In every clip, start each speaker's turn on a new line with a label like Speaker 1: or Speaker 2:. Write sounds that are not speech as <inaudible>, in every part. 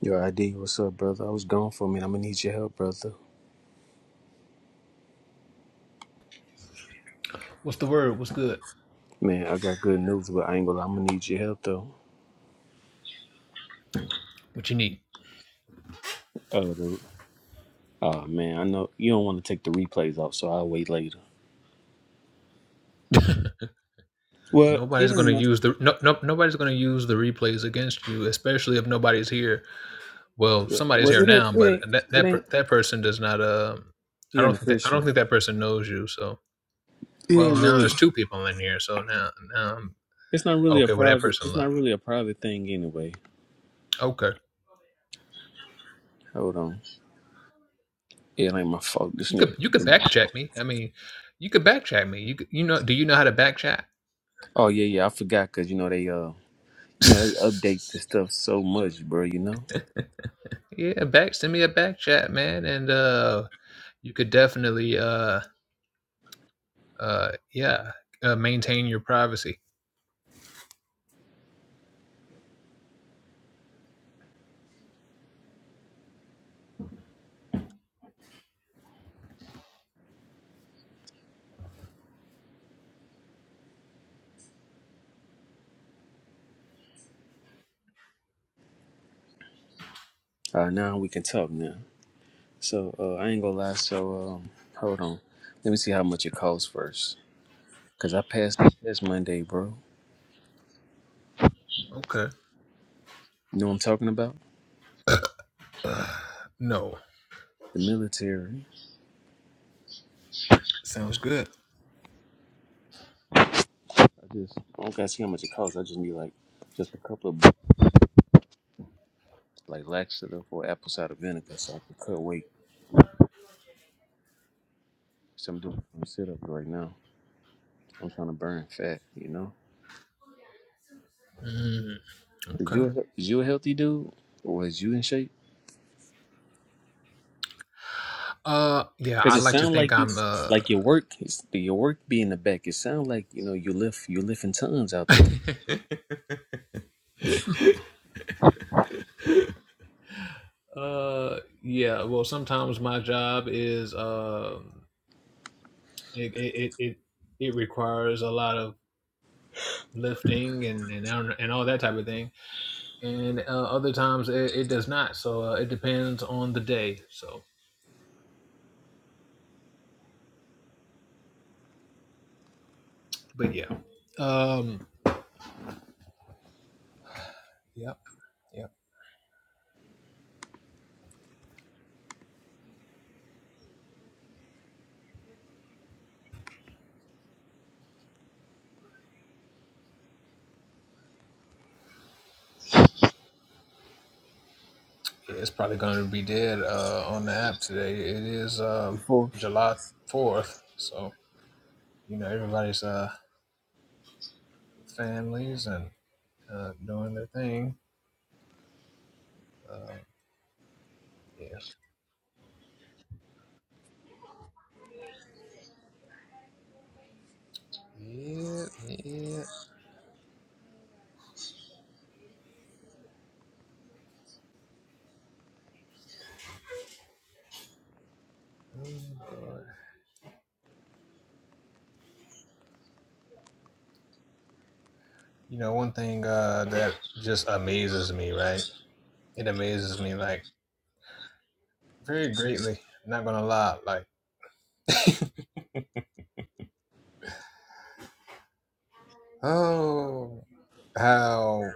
Speaker 1: Yo, ID, what's up, brother? I was gone for a minute. I'm gonna need your help, brother.
Speaker 2: What's the word? What's good?
Speaker 1: Man, I got good news, but I ain't gonna. lie. I'm gonna need your help though.
Speaker 2: What you need?
Speaker 1: Uh, the, uh man, I know you don't want to take the replays off, so I'll wait later. Well,
Speaker 2: Nobody's
Speaker 1: it
Speaker 2: gonna
Speaker 1: ain't. not-
Speaker 2: use the no, no nobody's gonna use the replays against you, especially if nobody's here. Well, somebody's here
Speaker 1: Well, it ain't.
Speaker 2: now,
Speaker 1: It
Speaker 2: but
Speaker 1: ain't.
Speaker 2: that
Speaker 1: It
Speaker 2: that
Speaker 1: ain't.
Speaker 2: that person does not. Um, I
Speaker 1: He ain't
Speaker 2: don't
Speaker 1: a
Speaker 2: think that, I
Speaker 1: Christian.
Speaker 2: don't think that person knows you. So
Speaker 1: It
Speaker 2: well,
Speaker 1: ain't
Speaker 2: now
Speaker 1: really.
Speaker 2: there's two people in here. So now now I'm
Speaker 1: It's not really a
Speaker 2: okay. Well, that
Speaker 1: private.
Speaker 2: person
Speaker 1: It's not
Speaker 2: left.
Speaker 1: really a private thing anyway.
Speaker 2: Okay,
Speaker 1: Hold on. It ain't my fault. This
Speaker 2: you
Speaker 1: nigga.
Speaker 2: could you could back check me. I mean, you could back check me. You could, you know do you know how to back chat?
Speaker 1: Oh yeah, yeah. I forgot because you know they uh. You
Speaker 2: <laughs>
Speaker 1: know, they update this stuff so much, bro. You know.
Speaker 2: yeah, back send me a back chat, man, and uh, you could definitely uh uh yeah uh, maintain your privacy
Speaker 1: Uh, now we can talk now. So uh, I ain't gonna lie. So um, hold on. Let me see how much it costs first. Cause I passed the test Monday, bro.
Speaker 2: okay
Speaker 1: You know what I'm talking about?
Speaker 2: <sighs> uh, no
Speaker 1: The military.
Speaker 2: Sounds good.
Speaker 1: I just I don't gotta see how much it costs. I just need like just a couple of bucks, like laxative or apple cider vinegar, so I can cut weight. So I'm doing some sit ups right now. I'm trying to burn fat. You know?
Speaker 2: Mm,
Speaker 1: Is you
Speaker 2: Okay.
Speaker 1: a, is you a healthy dude, or is you in shape?
Speaker 2: uh yeah
Speaker 1: Cause
Speaker 2: i
Speaker 1: it
Speaker 2: like to
Speaker 1: sound
Speaker 2: think
Speaker 1: like you,
Speaker 2: i'm uh
Speaker 1: like your work, is- your work being the back. It sound like you know you lift, you lifting tons out there.
Speaker 2: Uh, yeah. Well, sometimes my job is um, it it it it, requires a lot of lifting and and and all that type of thing, and uh, other times it, it does not. So uh, it depends on the day. So, but yeah. Um. Yeah. Yeah. It's probably going to be dead uh, on the app today. It is uh,
Speaker 1: Before.
Speaker 2: July 4th. So, you know, everybody's uh, with families and uh, doing their thing. Yeah. Yeah. Yeah. Oh, boy. You know, one thing uh, that just amazes me, right? It amazes me, like, very greatly. I'm not going to lie. Like, oh, how.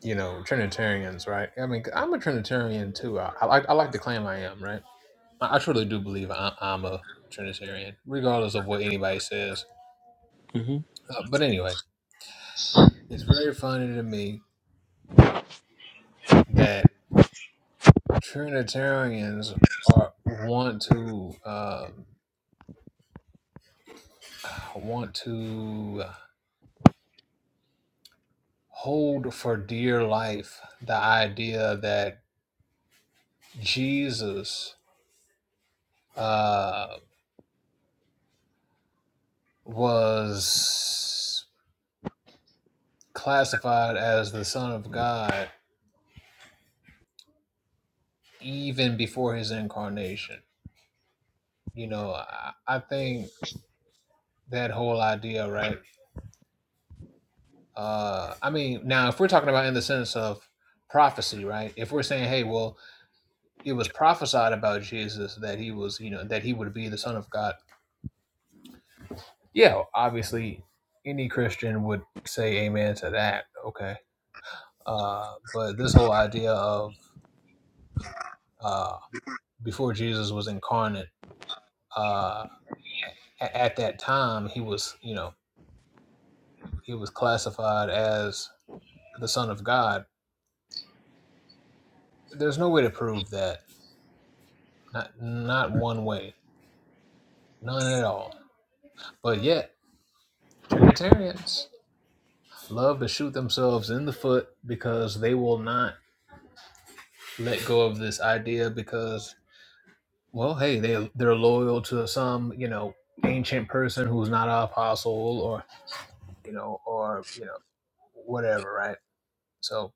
Speaker 2: You know, Trinitarians, right? I mean, I'm a Trinitarian too. I, I like I like to claim I am, right? I I truly do believe I, I'm a Trinitarian, regardless of what anybody says. Uh, but anyway, it's very funny to me that Trinitarians are want to um, want to hold for dear life the idea that Jesus uh, was classified as the Son of God even before his incarnation. You know, I, I think that whole idea, right? Uh, I mean, now if we're talking about in the sense of prophecy, right? If we're saying, hey, well, it was prophesied about Jesus that he was, you know, that he would be the Son of God. Yeah, obviously, any Christian would say amen to that. Okay, uh, but this whole idea of uh, before Jesus was incarnate, uh, a- at that time he was, you know, he was classified as the Son of God. There's no way to prove that Not not one way. None at all. But yet, Trinitarians love to shoot themselves in the foot because they will not let go of this idea because well, hey, they they're loyal to some, you know, ancient person who's not an apostle or you know, or you know, whatever, right? So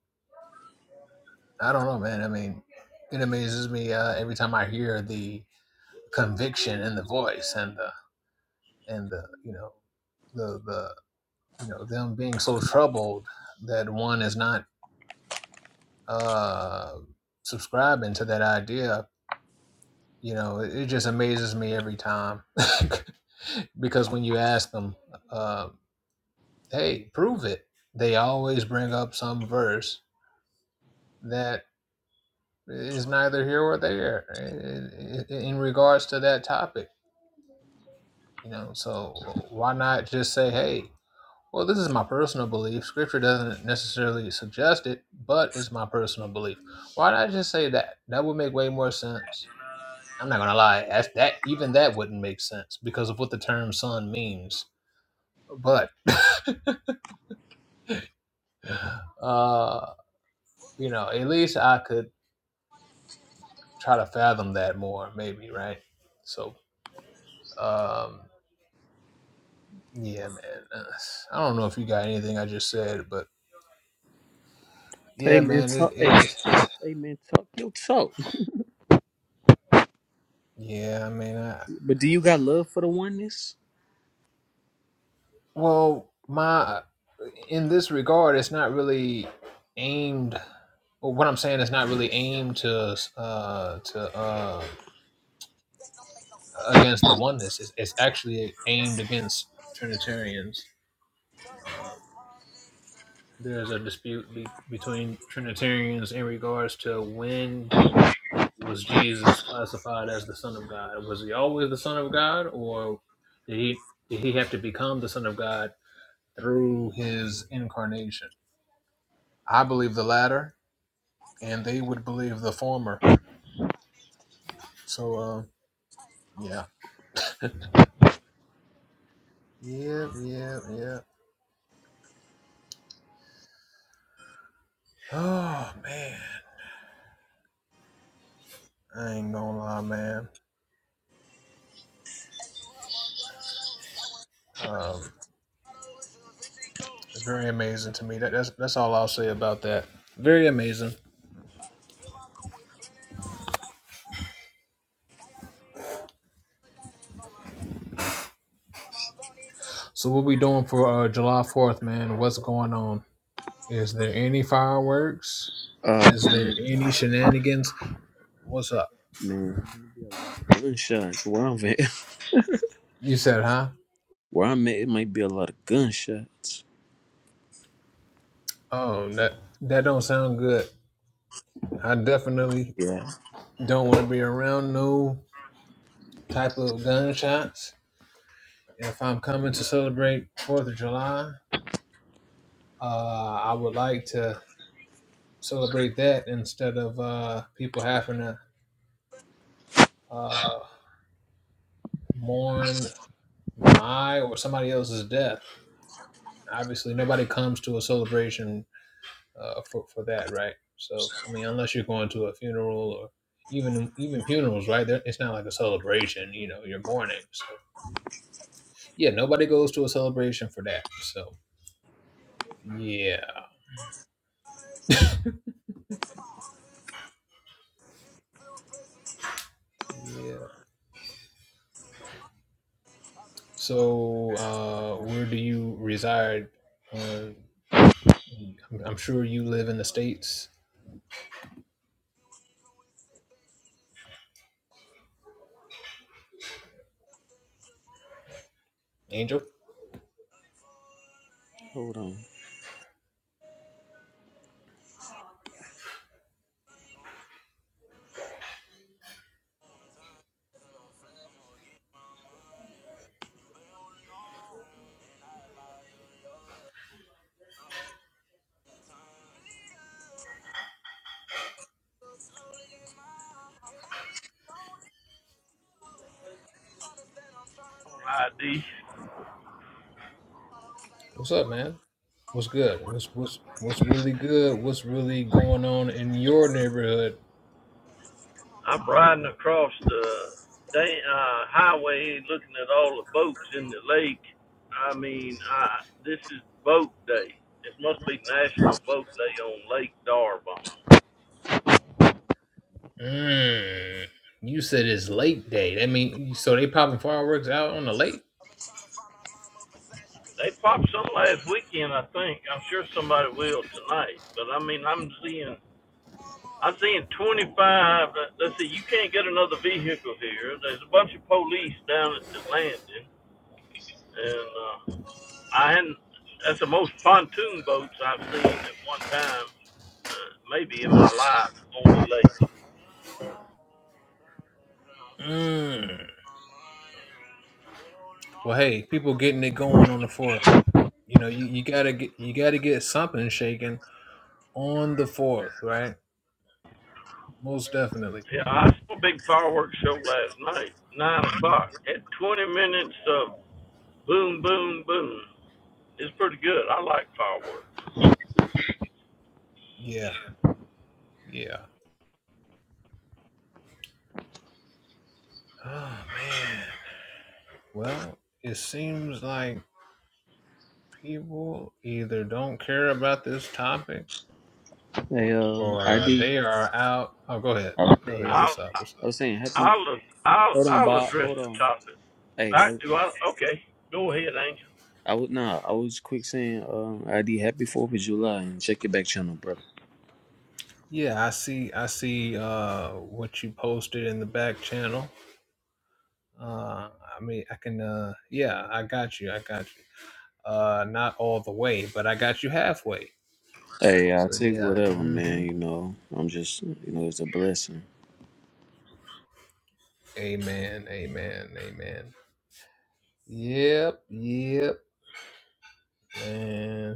Speaker 2: I don't know, man. I mean, it amazes me uh, every time I hear the conviction in the voice and the and the you know the the you know them being so troubled that one is not uh subscribing to that idea you know it, it just amazes me every time <laughs> because when you ask them uh hey prove it they always bring up some verse that is neither here or there in, in regards to that topic you know so why not just say hey Well, this is my personal belief. Scripture doesn't necessarily suggest it, but it's my personal belief. Why not just say that? That would make way more sense. I'm not gonna lie, that's, that even that wouldn't make sense because of what the term "son" means. But uh, you know, at least I could try to fathom that more, maybe, right? So, um, yeah, man. uh, I don't know if you got anything I just said, but
Speaker 1: Hey
Speaker 2: yeah,
Speaker 1: man,
Speaker 2: man, it,
Speaker 1: talk.
Speaker 2: it,
Speaker 1: Hey,
Speaker 2: it's, it's
Speaker 1: hey man, talk your talk.
Speaker 2: yeah. I mean, I,
Speaker 1: But do you got love for the oneness?
Speaker 2: Well, my in this regard, it's not really aimed. Well, what I'm saying is not really aimed to uh, to uh, against the oneness. It's, it's actually aimed against Trinitarians. Uh, there's a dispute be- between Trinitarians in regards to when was Jesus classified as the Son of God? Was he always the Son of God, or did he did he have to become the Son of God through his incarnation? I believe the latter and they would believe the former. So, uh, yeah, yeah, yeah, yeah. <sighs> Oh man, I ain't gonna lie, man. Um, very amazing to me. That, that's that's all I'll say about that. Very amazing. So, what we doing for uh, July Fourth, man? What's going on? Is there any fireworks?
Speaker 1: Oh
Speaker 2: Is
Speaker 1: man,
Speaker 2: there any shenanigans? What's up?
Speaker 1: man, gunshots. Where I'm at,
Speaker 2: You said, huh?
Speaker 1: <laughs> where I'm at, it might be a lot of gunshots.
Speaker 2: Oh, that that don't sound good. I definitely
Speaker 1: Yeah.
Speaker 2: don't want to be around no type of gunshots Yeah, If I'm coming to celebrate Fourth of July, uh, I would like to celebrate that instead of uh, people having to uh, mourn my or somebody else's death. Obviously, nobody comes to a celebration uh, for for that, right? So, I mean, unless you're going to a funeral or even even funerals, right? They're- It's not like a celebration, you know. You're mourning, so yeah. Nobody goes to a celebration for that. So yeah, yeah. So, uh, where do you reside? Uh, I'm I'm sure you live in the states. Angel,
Speaker 1: Hold on.
Speaker 3: on
Speaker 2: what's up, man? What's good? What's what's what's really good? What's really going on in your neighborhood?
Speaker 3: I'm riding across the da- uh, highway looking at all the boats in the lake. I mean, I, this is boat day. This must be National Boat Day on Lake Darbon.
Speaker 2: Mm, you said it's lake day. That mean so they popping fireworks out on the lake?
Speaker 3: They popped some last weekend, I think. I'm sure somebody will tonight. But I mean, I'm seeing, I'm seeing 25. uh, Let's see, you can't get another vehicle here. There's a bunch of police down at the landing, and uh, I hadn't. That's the most pontoon boats I've seen at one time, uh, maybe in my life on the lake.
Speaker 2: Mm. Well, hey, people getting it going on the fourth. You know, you, you gotta get you gotta get something shaken on the fourth, right? Most definitely.
Speaker 3: Yeah, I saw a big fireworks show last night, nine o'clock. Had twenty minutes of boom, boom, boom. It's pretty good. I like fireworks.
Speaker 2: Yeah, yeah. Oh man. Well, it seems like people either don't care about this topic
Speaker 1: Hey, um,
Speaker 2: or
Speaker 1: ID.
Speaker 2: they are out. Oh, go ahead.
Speaker 1: I was
Speaker 2: Go
Speaker 1: saying,
Speaker 2: ahead.
Speaker 3: I'll,
Speaker 2: What's up? What's
Speaker 1: I
Speaker 2: up?
Speaker 1: was saying happy.
Speaker 3: I'll, I'll,
Speaker 1: Hold on,
Speaker 3: I'll
Speaker 1: Bob.
Speaker 3: address
Speaker 1: Hold
Speaker 3: the
Speaker 1: on.
Speaker 3: topic.
Speaker 1: Hey,
Speaker 3: I
Speaker 1: I,
Speaker 3: do. I okay. Go ahead, Angel.
Speaker 1: I was nah. I was quick saying, um, ID. Happy Fourth of July and check your back channel, brother.
Speaker 2: Yeah, I see. I see uh, what you posted in the back channel. Uh, I mean, I can. Uh, yeah, I got you. I got you. Uh, not all the way, but I got you halfway.
Speaker 1: Hey, I
Speaker 2: So
Speaker 1: take
Speaker 2: yeah.
Speaker 1: whatever, man.
Speaker 2: hmm
Speaker 1: You know, I'm just, you know, it's a blessing.
Speaker 2: Amen. Amen. Amen. Yep. Yep. Man.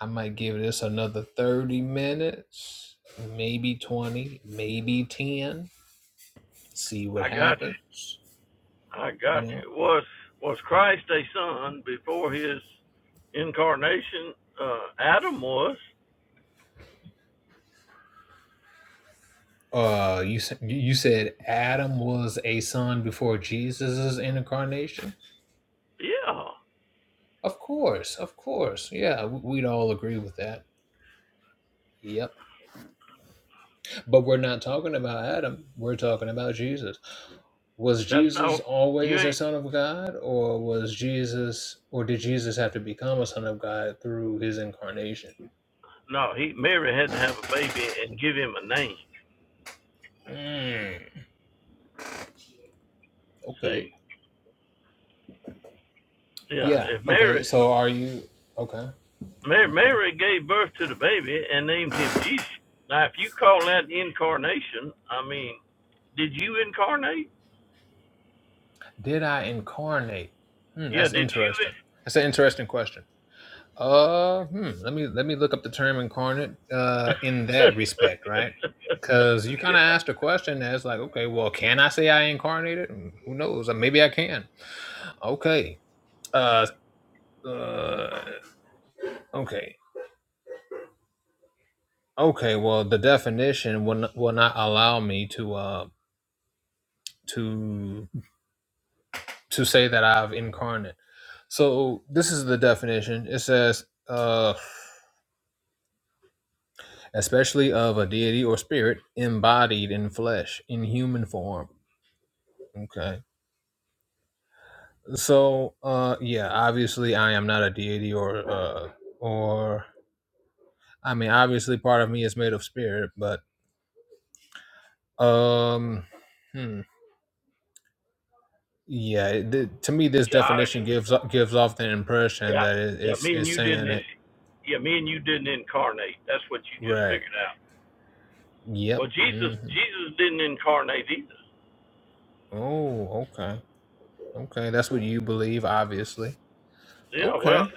Speaker 2: I might give this another 30 minutes, maybe 20, maybe 10, see what
Speaker 3: I got you.
Speaker 2: happens,
Speaker 3: I got
Speaker 2: you know.
Speaker 3: you. Was was Christ a son before his incarnation? Uh, Adam was.
Speaker 2: Uh you you said Adam was a son before Jesus's incarnation?
Speaker 3: Yeah.
Speaker 2: Of course, of course. Yeah, we'd all agree with that. Yep. But we're not talking about Adam. We're talking about Jesus. Was
Speaker 3: That's not
Speaker 2: Jesus
Speaker 3: you
Speaker 2: always a
Speaker 3: ain't
Speaker 2: son of God or was Jesus or did Jesus have to become a son of God through his incarnation?
Speaker 3: no, he Mary had to have a baby and give him a name.
Speaker 2: Mm, okay.
Speaker 3: See. Yeah.
Speaker 2: Yeah.
Speaker 3: If
Speaker 2: Okay.
Speaker 3: Mary
Speaker 2: So are you okay?
Speaker 3: Mary,
Speaker 2: Okay.
Speaker 3: Mary gave birth to the baby and named him Jesus. Now if you call that incarnation, I mean, did you incarnate?
Speaker 2: Did I incarnate? Hmm,
Speaker 3: Yeah,
Speaker 2: that's
Speaker 3: did you
Speaker 2: interesting. That's an interesting question. Uh, hmm, let me let me look up the term incarnate. Uh, in that respect,
Speaker 3: <laughs>
Speaker 2: right? Because you kind of
Speaker 3: Yeah.
Speaker 2: asked a question that's like, okay, well, can I say I incarnated? Mm, Who knows? Uh, Maybe I can. Okay. Uh, uh. Okay. Okay. Well, the definition will n- will not allow me to uh to to say that I've incarnate. So this is the definition. It says, uh, especially of a deity or spirit embodied in flesh, in human form. Okay. So, uh, yeah, obviously I am not a deity or, uh, or I mean, obviously part of me is made of spirit, but, um, hmm. Yeah, it- th- to me, this
Speaker 3: Gosh.
Speaker 2: definition gives o- gives off the impression
Speaker 3: Yeah,
Speaker 2: that it,
Speaker 3: yeah.
Speaker 2: it's
Speaker 3: Me and
Speaker 2: it's
Speaker 3: you didn't.
Speaker 2: saying it
Speaker 3: in- Yeah, me and you didn't incarnate. That's what you just
Speaker 2: right.
Speaker 3: figured out.
Speaker 2: Yep.
Speaker 3: Well, Jesus,
Speaker 2: hmm
Speaker 3: Jesus didn't incarnate either.
Speaker 2: Oh, okay. Okay, that's what you believe, obviously.
Speaker 3: Yeah. Well,
Speaker 2: Okay.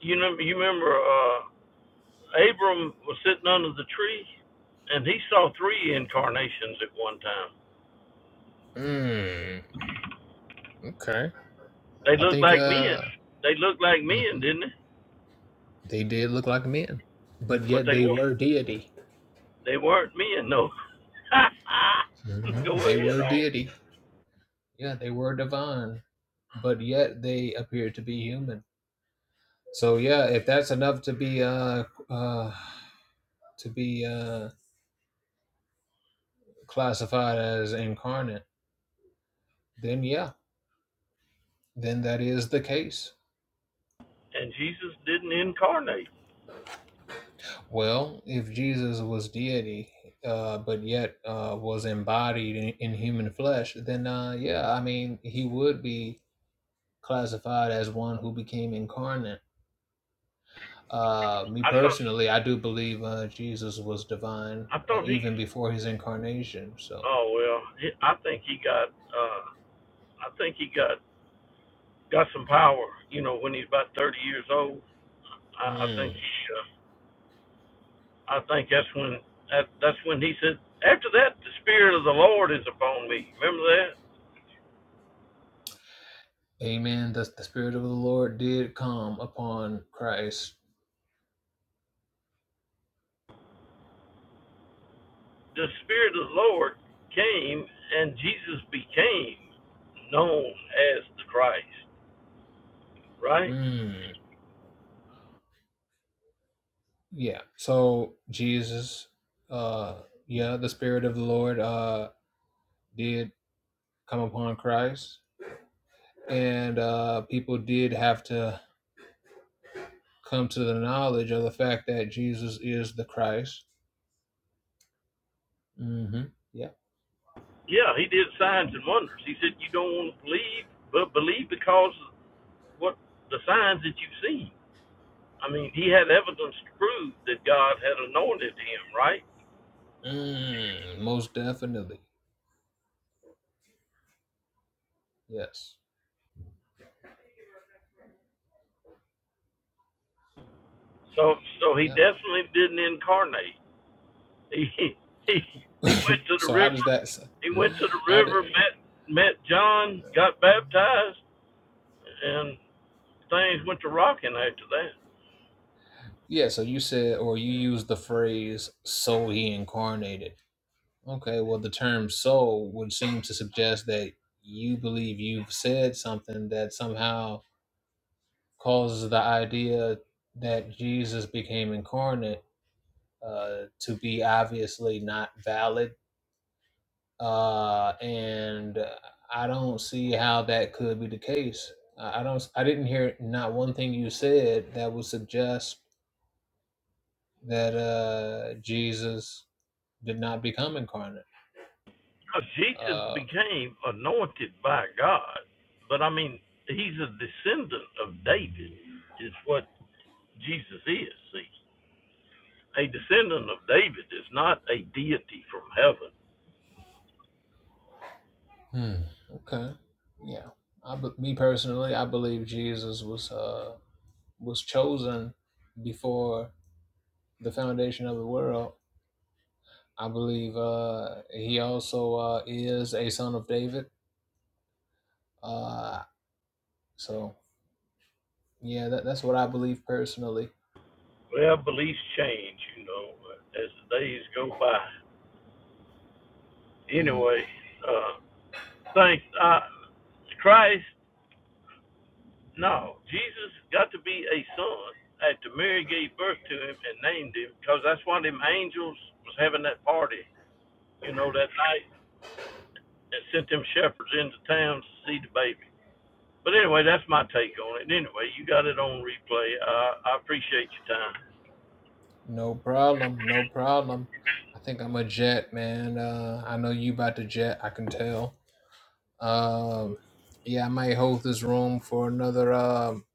Speaker 3: you know, you remember, uh, Abram was sitting under the tree, and he saw three incarnations at one time.
Speaker 2: Mm, okay.
Speaker 3: They
Speaker 2: I
Speaker 3: looked
Speaker 2: think
Speaker 3: like men.
Speaker 2: uh
Speaker 3: They looked like men,
Speaker 2: mhm.
Speaker 3: didn't they?
Speaker 2: they did look like men, but
Speaker 3: But
Speaker 2: yet
Speaker 3: they
Speaker 2: they
Speaker 3: weren't.
Speaker 2: were deity.
Speaker 3: They weren't men, no. <laughs>
Speaker 2: Mhm.
Speaker 3: Go
Speaker 2: They
Speaker 3: ahead,
Speaker 2: were
Speaker 3: on.
Speaker 2: deity. Yeah, they were divine, but yet they appeared to be human. So yeah, if that's enough to be uh uh to be uh classified as incarnate, then yeah, then that is the case.
Speaker 3: And Jesus didn't incarnate.
Speaker 2: Well, if Jesus was deity, uh, but yet uh, was embodied in, in human flesh, then uh, yeah, I mean, he would be classified as one who became incarnate. Uh, me
Speaker 3: I thought.
Speaker 2: personally, I do believe uh, Jesus was divine
Speaker 3: I
Speaker 2: uh,
Speaker 3: thought he
Speaker 2: even before his incarnation. So,
Speaker 3: Oh well, he- I think he got. Uh, I think he got got some power. You know, when he's about thirty years old, I, I
Speaker 2: mm.
Speaker 3: think he. Uh, I think that's when that that's when he said. After that, the spirit of the Lord is upon me. Remember that
Speaker 2: amen. The, the Spirit of the Lord did come upon Christ.
Speaker 3: the spirit of the Lord came and Jesus became known as the Christ. Right?
Speaker 2: Mm. Yeah. So, Jesus, uh, yeah, the Spirit of the Lord uh, did come upon Christ, and uh, people did have to come to the knowledge of the fact that Jesus is the Christ. Mm-hmm. Yeah.
Speaker 3: Yeah, he did signs and wonders. He said, "You don't want to believe, but believe because of what the signs that you've seen." I mean, he had evidence to prove that God had anointed him, right?
Speaker 2: Mm, most definitely. Yes.
Speaker 3: So, so he
Speaker 2: Yeah.
Speaker 3: definitely didn't incarnate. He he
Speaker 2: <laughs>
Speaker 3: he went to the
Speaker 2: so how does
Speaker 3: river.
Speaker 2: that?
Speaker 3: He went to the
Speaker 2: How do,
Speaker 3: river, met met John, got baptized, and things went to rocking after that.
Speaker 2: yeah. So you said, or you used the phrase "so he incarnated." Okay. Well, the term "so" would seem to suggest that you believe you've said something that somehow causes the idea that Jesus became incarnate uh, to be obviously not valid. Uh, and I don't see how that could be the case. I I don't. I didn't hear not one thing you said that would suggest that uh, Jesus did not become incarnate.
Speaker 3: Jesus
Speaker 2: Uh,
Speaker 3: became anointed by God, but I mean, he's a descendant of David. Is what Jesus is. See, a descendant of David is not a deity from heaven
Speaker 2: hmm. Okay. Yeah. I, be- me personally, I believe Jesus was uh, was chosen before the foundation of the world I believe uh, he also uh, is a son of David. Uh, so yeah, that, that's what I believe personally.
Speaker 3: Well, beliefs change, you know, as the days go by.
Speaker 2: Mm,
Speaker 3: Anyway, uh, thanks. Uh, Christ, no, Jesus got to be a son after Mary gave birth to him and named him, because that's why them angels was having that party, you know, that night, and sent them shepherds into town to see the baby. But anyway, that's my take on it. Anyway, you got it on replay. Uh, I appreciate your time.
Speaker 2: no problem, no problem. I think I'm a jet man. Uh, I know you about to jet. I can tell. Um, yeah, I might hold this room for another um,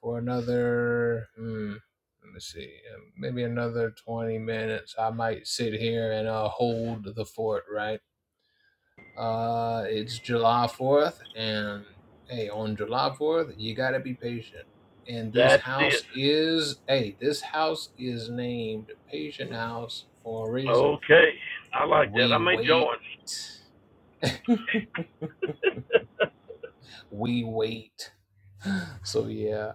Speaker 2: for another. Hmm, let me see, uh, maybe another twenty minutes. I might sit here and uh, hold the fort. Right Uh, it's July 4th, and hey, on July 4th, you got to be patient. And this
Speaker 3: That's it.
Speaker 2: house is, hey, this house is named Patient House for a reason.
Speaker 3: Okay, I like that.
Speaker 2: We
Speaker 3: I may
Speaker 2: wait,
Speaker 3: join. <laughs>
Speaker 2: we wait. <laughs> So, yeah.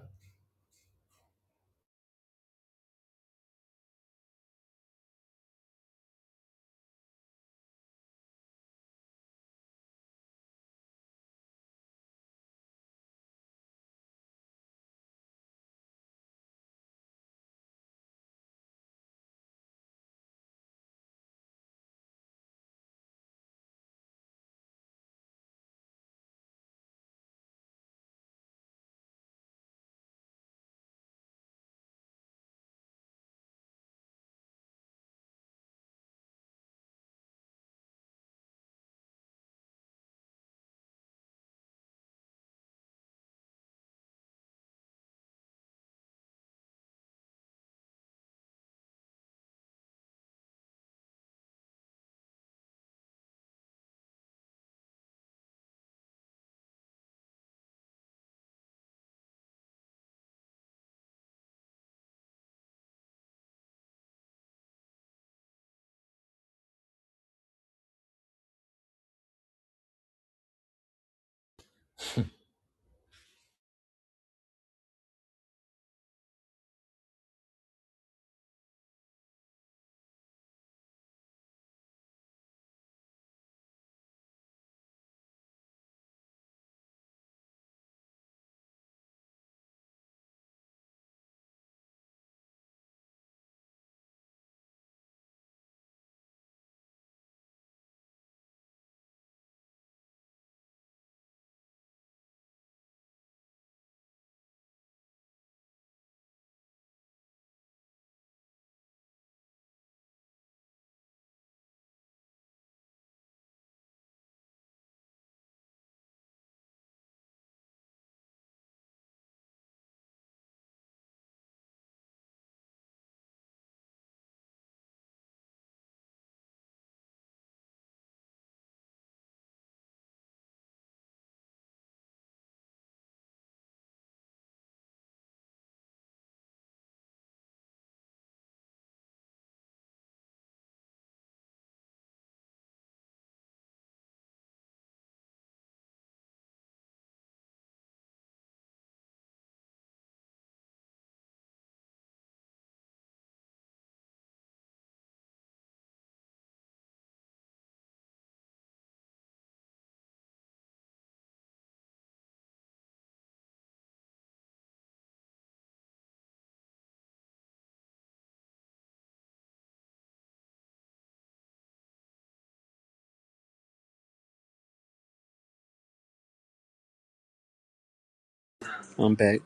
Speaker 1: I'm back.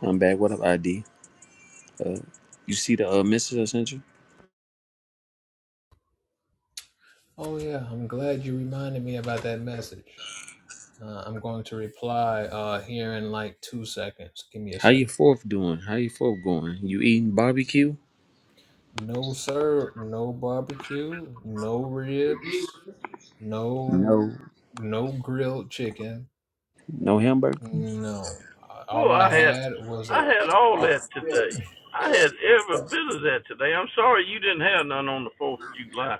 Speaker 1: I'm back. What up, ID? You see the uh, message I sent you?
Speaker 2: Oh, yeah, I'm glad you reminded me about that message. Uh, I'm going to reply uh, here in like two seconds. Give me a
Speaker 1: How your
Speaker 2: second.
Speaker 1: fourth doing? How your fourth going? You eating barbecue?
Speaker 2: No, sir, no barbecue, no ribs, No,
Speaker 1: No,
Speaker 2: no grilled chicken.
Speaker 1: no hamburgers.
Speaker 2: No.
Speaker 3: Well,
Speaker 2: All
Speaker 3: I
Speaker 2: I
Speaker 3: had
Speaker 2: had was
Speaker 3: I
Speaker 2: a.
Speaker 3: had all
Speaker 2: Uh,
Speaker 3: that today. I had every bit of that today. I'm sorry you didn't have none on the Fourth of July.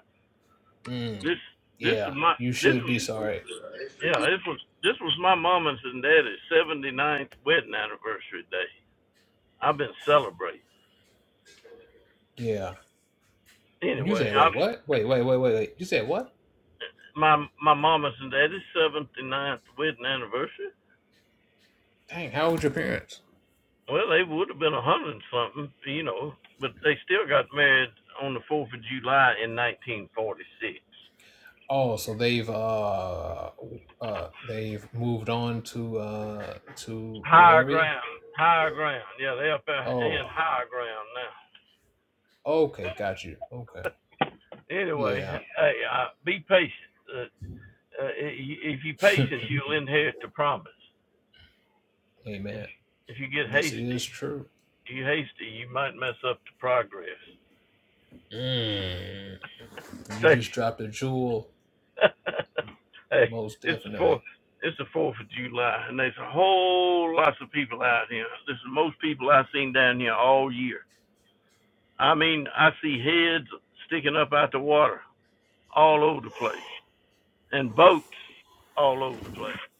Speaker 2: mm,
Speaker 3: This this is
Speaker 2: yeah,
Speaker 3: my
Speaker 2: you
Speaker 3: this
Speaker 2: should be
Speaker 3: is
Speaker 2: sorry.
Speaker 3: yeah this was this was my mama's and daddy's 79th wedding anniversary day. I've been celebrating
Speaker 2: Yeah. When you
Speaker 3: anyway.
Speaker 2: said,
Speaker 3: I
Speaker 2: wait, what? Wait, wait, wait, wait, wait. You said what?
Speaker 3: my my mama's and daddy's 79th wedding anniversary.
Speaker 2: Dang, how old your parents?
Speaker 3: Well, they would have been a hundred and something, you know, but they still got married on the Fourth of July in 1946.
Speaker 2: Oh, so they've uh uh they've moved on to uh to
Speaker 3: Higher
Speaker 2: glory.
Speaker 3: ground, higher ground. Yeah, they're up in
Speaker 2: Oh,
Speaker 3: higher ground
Speaker 2: okay, got you. Okay,
Speaker 3: now. <laughs> anyway,
Speaker 2: yeah.
Speaker 3: hey, uh, be patient. Uh, uh, if you patient,
Speaker 2: <laughs>
Speaker 3: you'll inherit the promise. If
Speaker 2: Amen.
Speaker 3: if you get
Speaker 2: This
Speaker 3: hasty,
Speaker 2: is true.
Speaker 3: you hasty, you might mess up the progress.
Speaker 2: Mm.
Speaker 3: <laughs>
Speaker 2: You just dropped a jewel
Speaker 3: hey,
Speaker 2: Most
Speaker 3: it's the fourth.
Speaker 2: definitely.
Speaker 3: It's the fourth of July, and there's a whole lots of people out here. This is most people I've seen down here all year. I mean, I see heads sticking up out the water. all over the place and boats all over the place.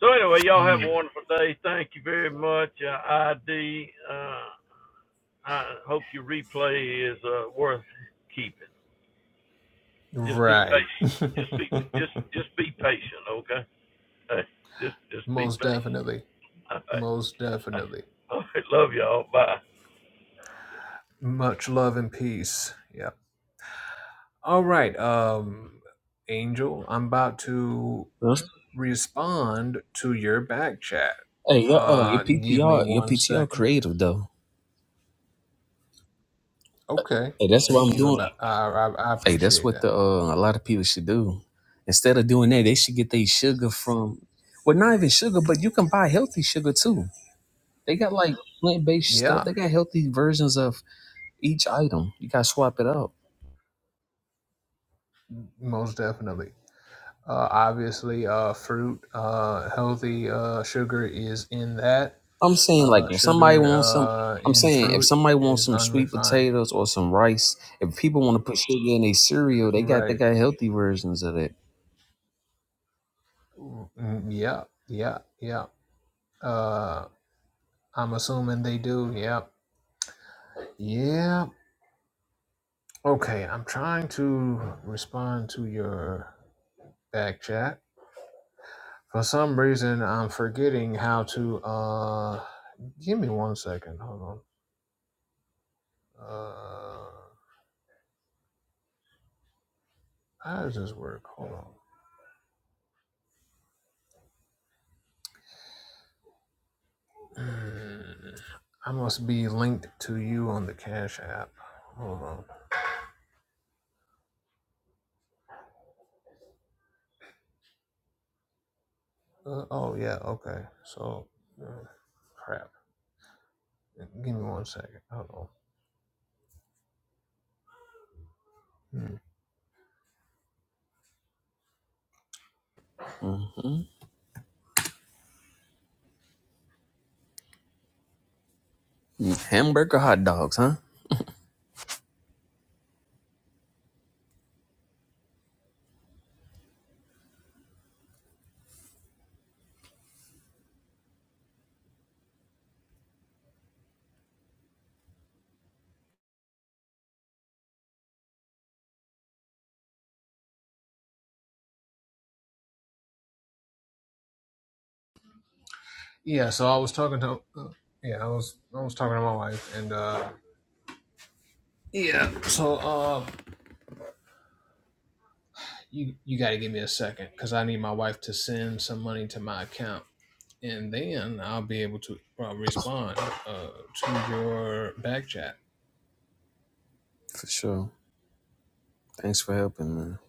Speaker 3: So anyway, y'all have a
Speaker 2: Mm,
Speaker 3: wonderful day. Thank you very much, uh, ID. Uh, I hope your replay is uh, worth keeping. Just be
Speaker 2: right.
Speaker 3: patient. Just be just
Speaker 2: <laughs>
Speaker 3: just be patient, okay? Hey, just just be
Speaker 2: Most
Speaker 3: patient.
Speaker 2: definitely.
Speaker 3: All right.
Speaker 2: Most definitely.
Speaker 3: <laughs> All right. Love y'all. Bye.
Speaker 2: Much love and peace. Yeah. All right. Um, Angel, I'm about to
Speaker 1: Huh?
Speaker 2: respond to your back chat.
Speaker 1: Hey, your uh, your
Speaker 2: Uh, give me
Speaker 1: PTR, your
Speaker 2: one
Speaker 1: PTR
Speaker 2: second.
Speaker 1: creative though.
Speaker 2: Okay.
Speaker 1: Hey, that's what
Speaker 2: Thank
Speaker 1: I'm
Speaker 2: you.
Speaker 1: doing.
Speaker 2: About I, I, I
Speaker 1: Hey, that's
Speaker 2: appreciate
Speaker 1: what the
Speaker 2: that.
Speaker 1: uh, a lot of people should do. Instead of doing that, they should get their sugar from. Well, not even sugar, but you can buy healthy sugar too. They got like plant based stuff.
Speaker 2: Yeah.
Speaker 1: They got healthy versions of each item. You gotta swap it up.
Speaker 2: Most definitely. Uh, obviously, uh, fruit, uh, healthy uh, sugar is in that.
Speaker 1: I'm saying like
Speaker 2: Uh,
Speaker 1: if somebody
Speaker 2: sugar
Speaker 1: wants some
Speaker 2: uh,
Speaker 1: I'm
Speaker 2: in
Speaker 1: saying if
Speaker 2: fruit
Speaker 1: somebody wants
Speaker 2: is
Speaker 1: some sweet
Speaker 2: unrefined.
Speaker 1: potatoes or some rice, if people want to put sugar in their cereal, they got they
Speaker 2: Right.
Speaker 1: got healthy versions of that.
Speaker 2: Mm, yeah. Yeah. Yeah. Uh, I'm assuming they do. Yeah. Yeah. Okay. I'm trying to respond to your back chat. For some reason, I'm forgetting how to. Uh, give me one second. Hold on. Uh, how does this work? Hold on. <sighs> Mm, I must be linked to you on the Cash App. Hold on. Uh, oh, yeah, okay. So, uh, crap. Give me one second. Hold on. Hmm.
Speaker 1: hmm Hamburger hot dogs, huh?
Speaker 2: Yeah, so I was talking to. Uh, yeah, I was I was talking to my wife, and uh, yeah, so uh, you you got to give me a second because I need my wife to send some money to my account, and then I'll be able to uh, respond uh, to your back chat.
Speaker 1: For sure. Thanks for helping, man.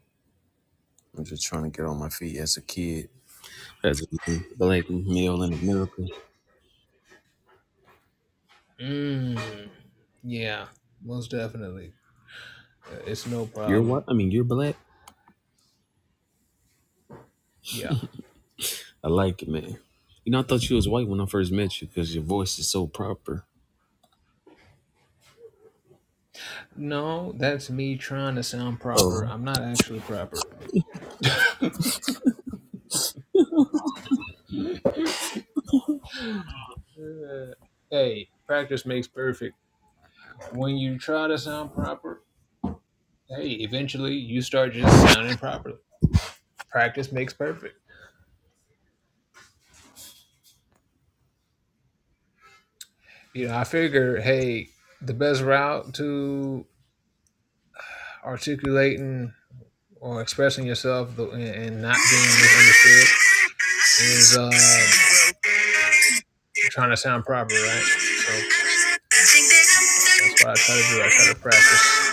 Speaker 1: I'm just trying to get on my feet as a kid. As a black male in America.
Speaker 2: Mm, yeah, most definitely. Uh, It's no
Speaker 1: You're what?
Speaker 2: problem.
Speaker 1: I mean, you're black.
Speaker 2: Yeah.
Speaker 1: I like it, man. You know, I thought you was white when I first met you because your voice is so proper.
Speaker 2: No, that's me trying to sound proper.
Speaker 1: Oh.
Speaker 2: I'm not actually proper. Uh, hey, practice makes perfect. When you try to sound proper, hey, eventually you start just sounding properly. Practice makes perfect. You know, I figure, hey, the best route to articulating or expressing yourself the- and and not being misunderstood is uh. trying to sound proper, right? So that's what I try to do. I try to practice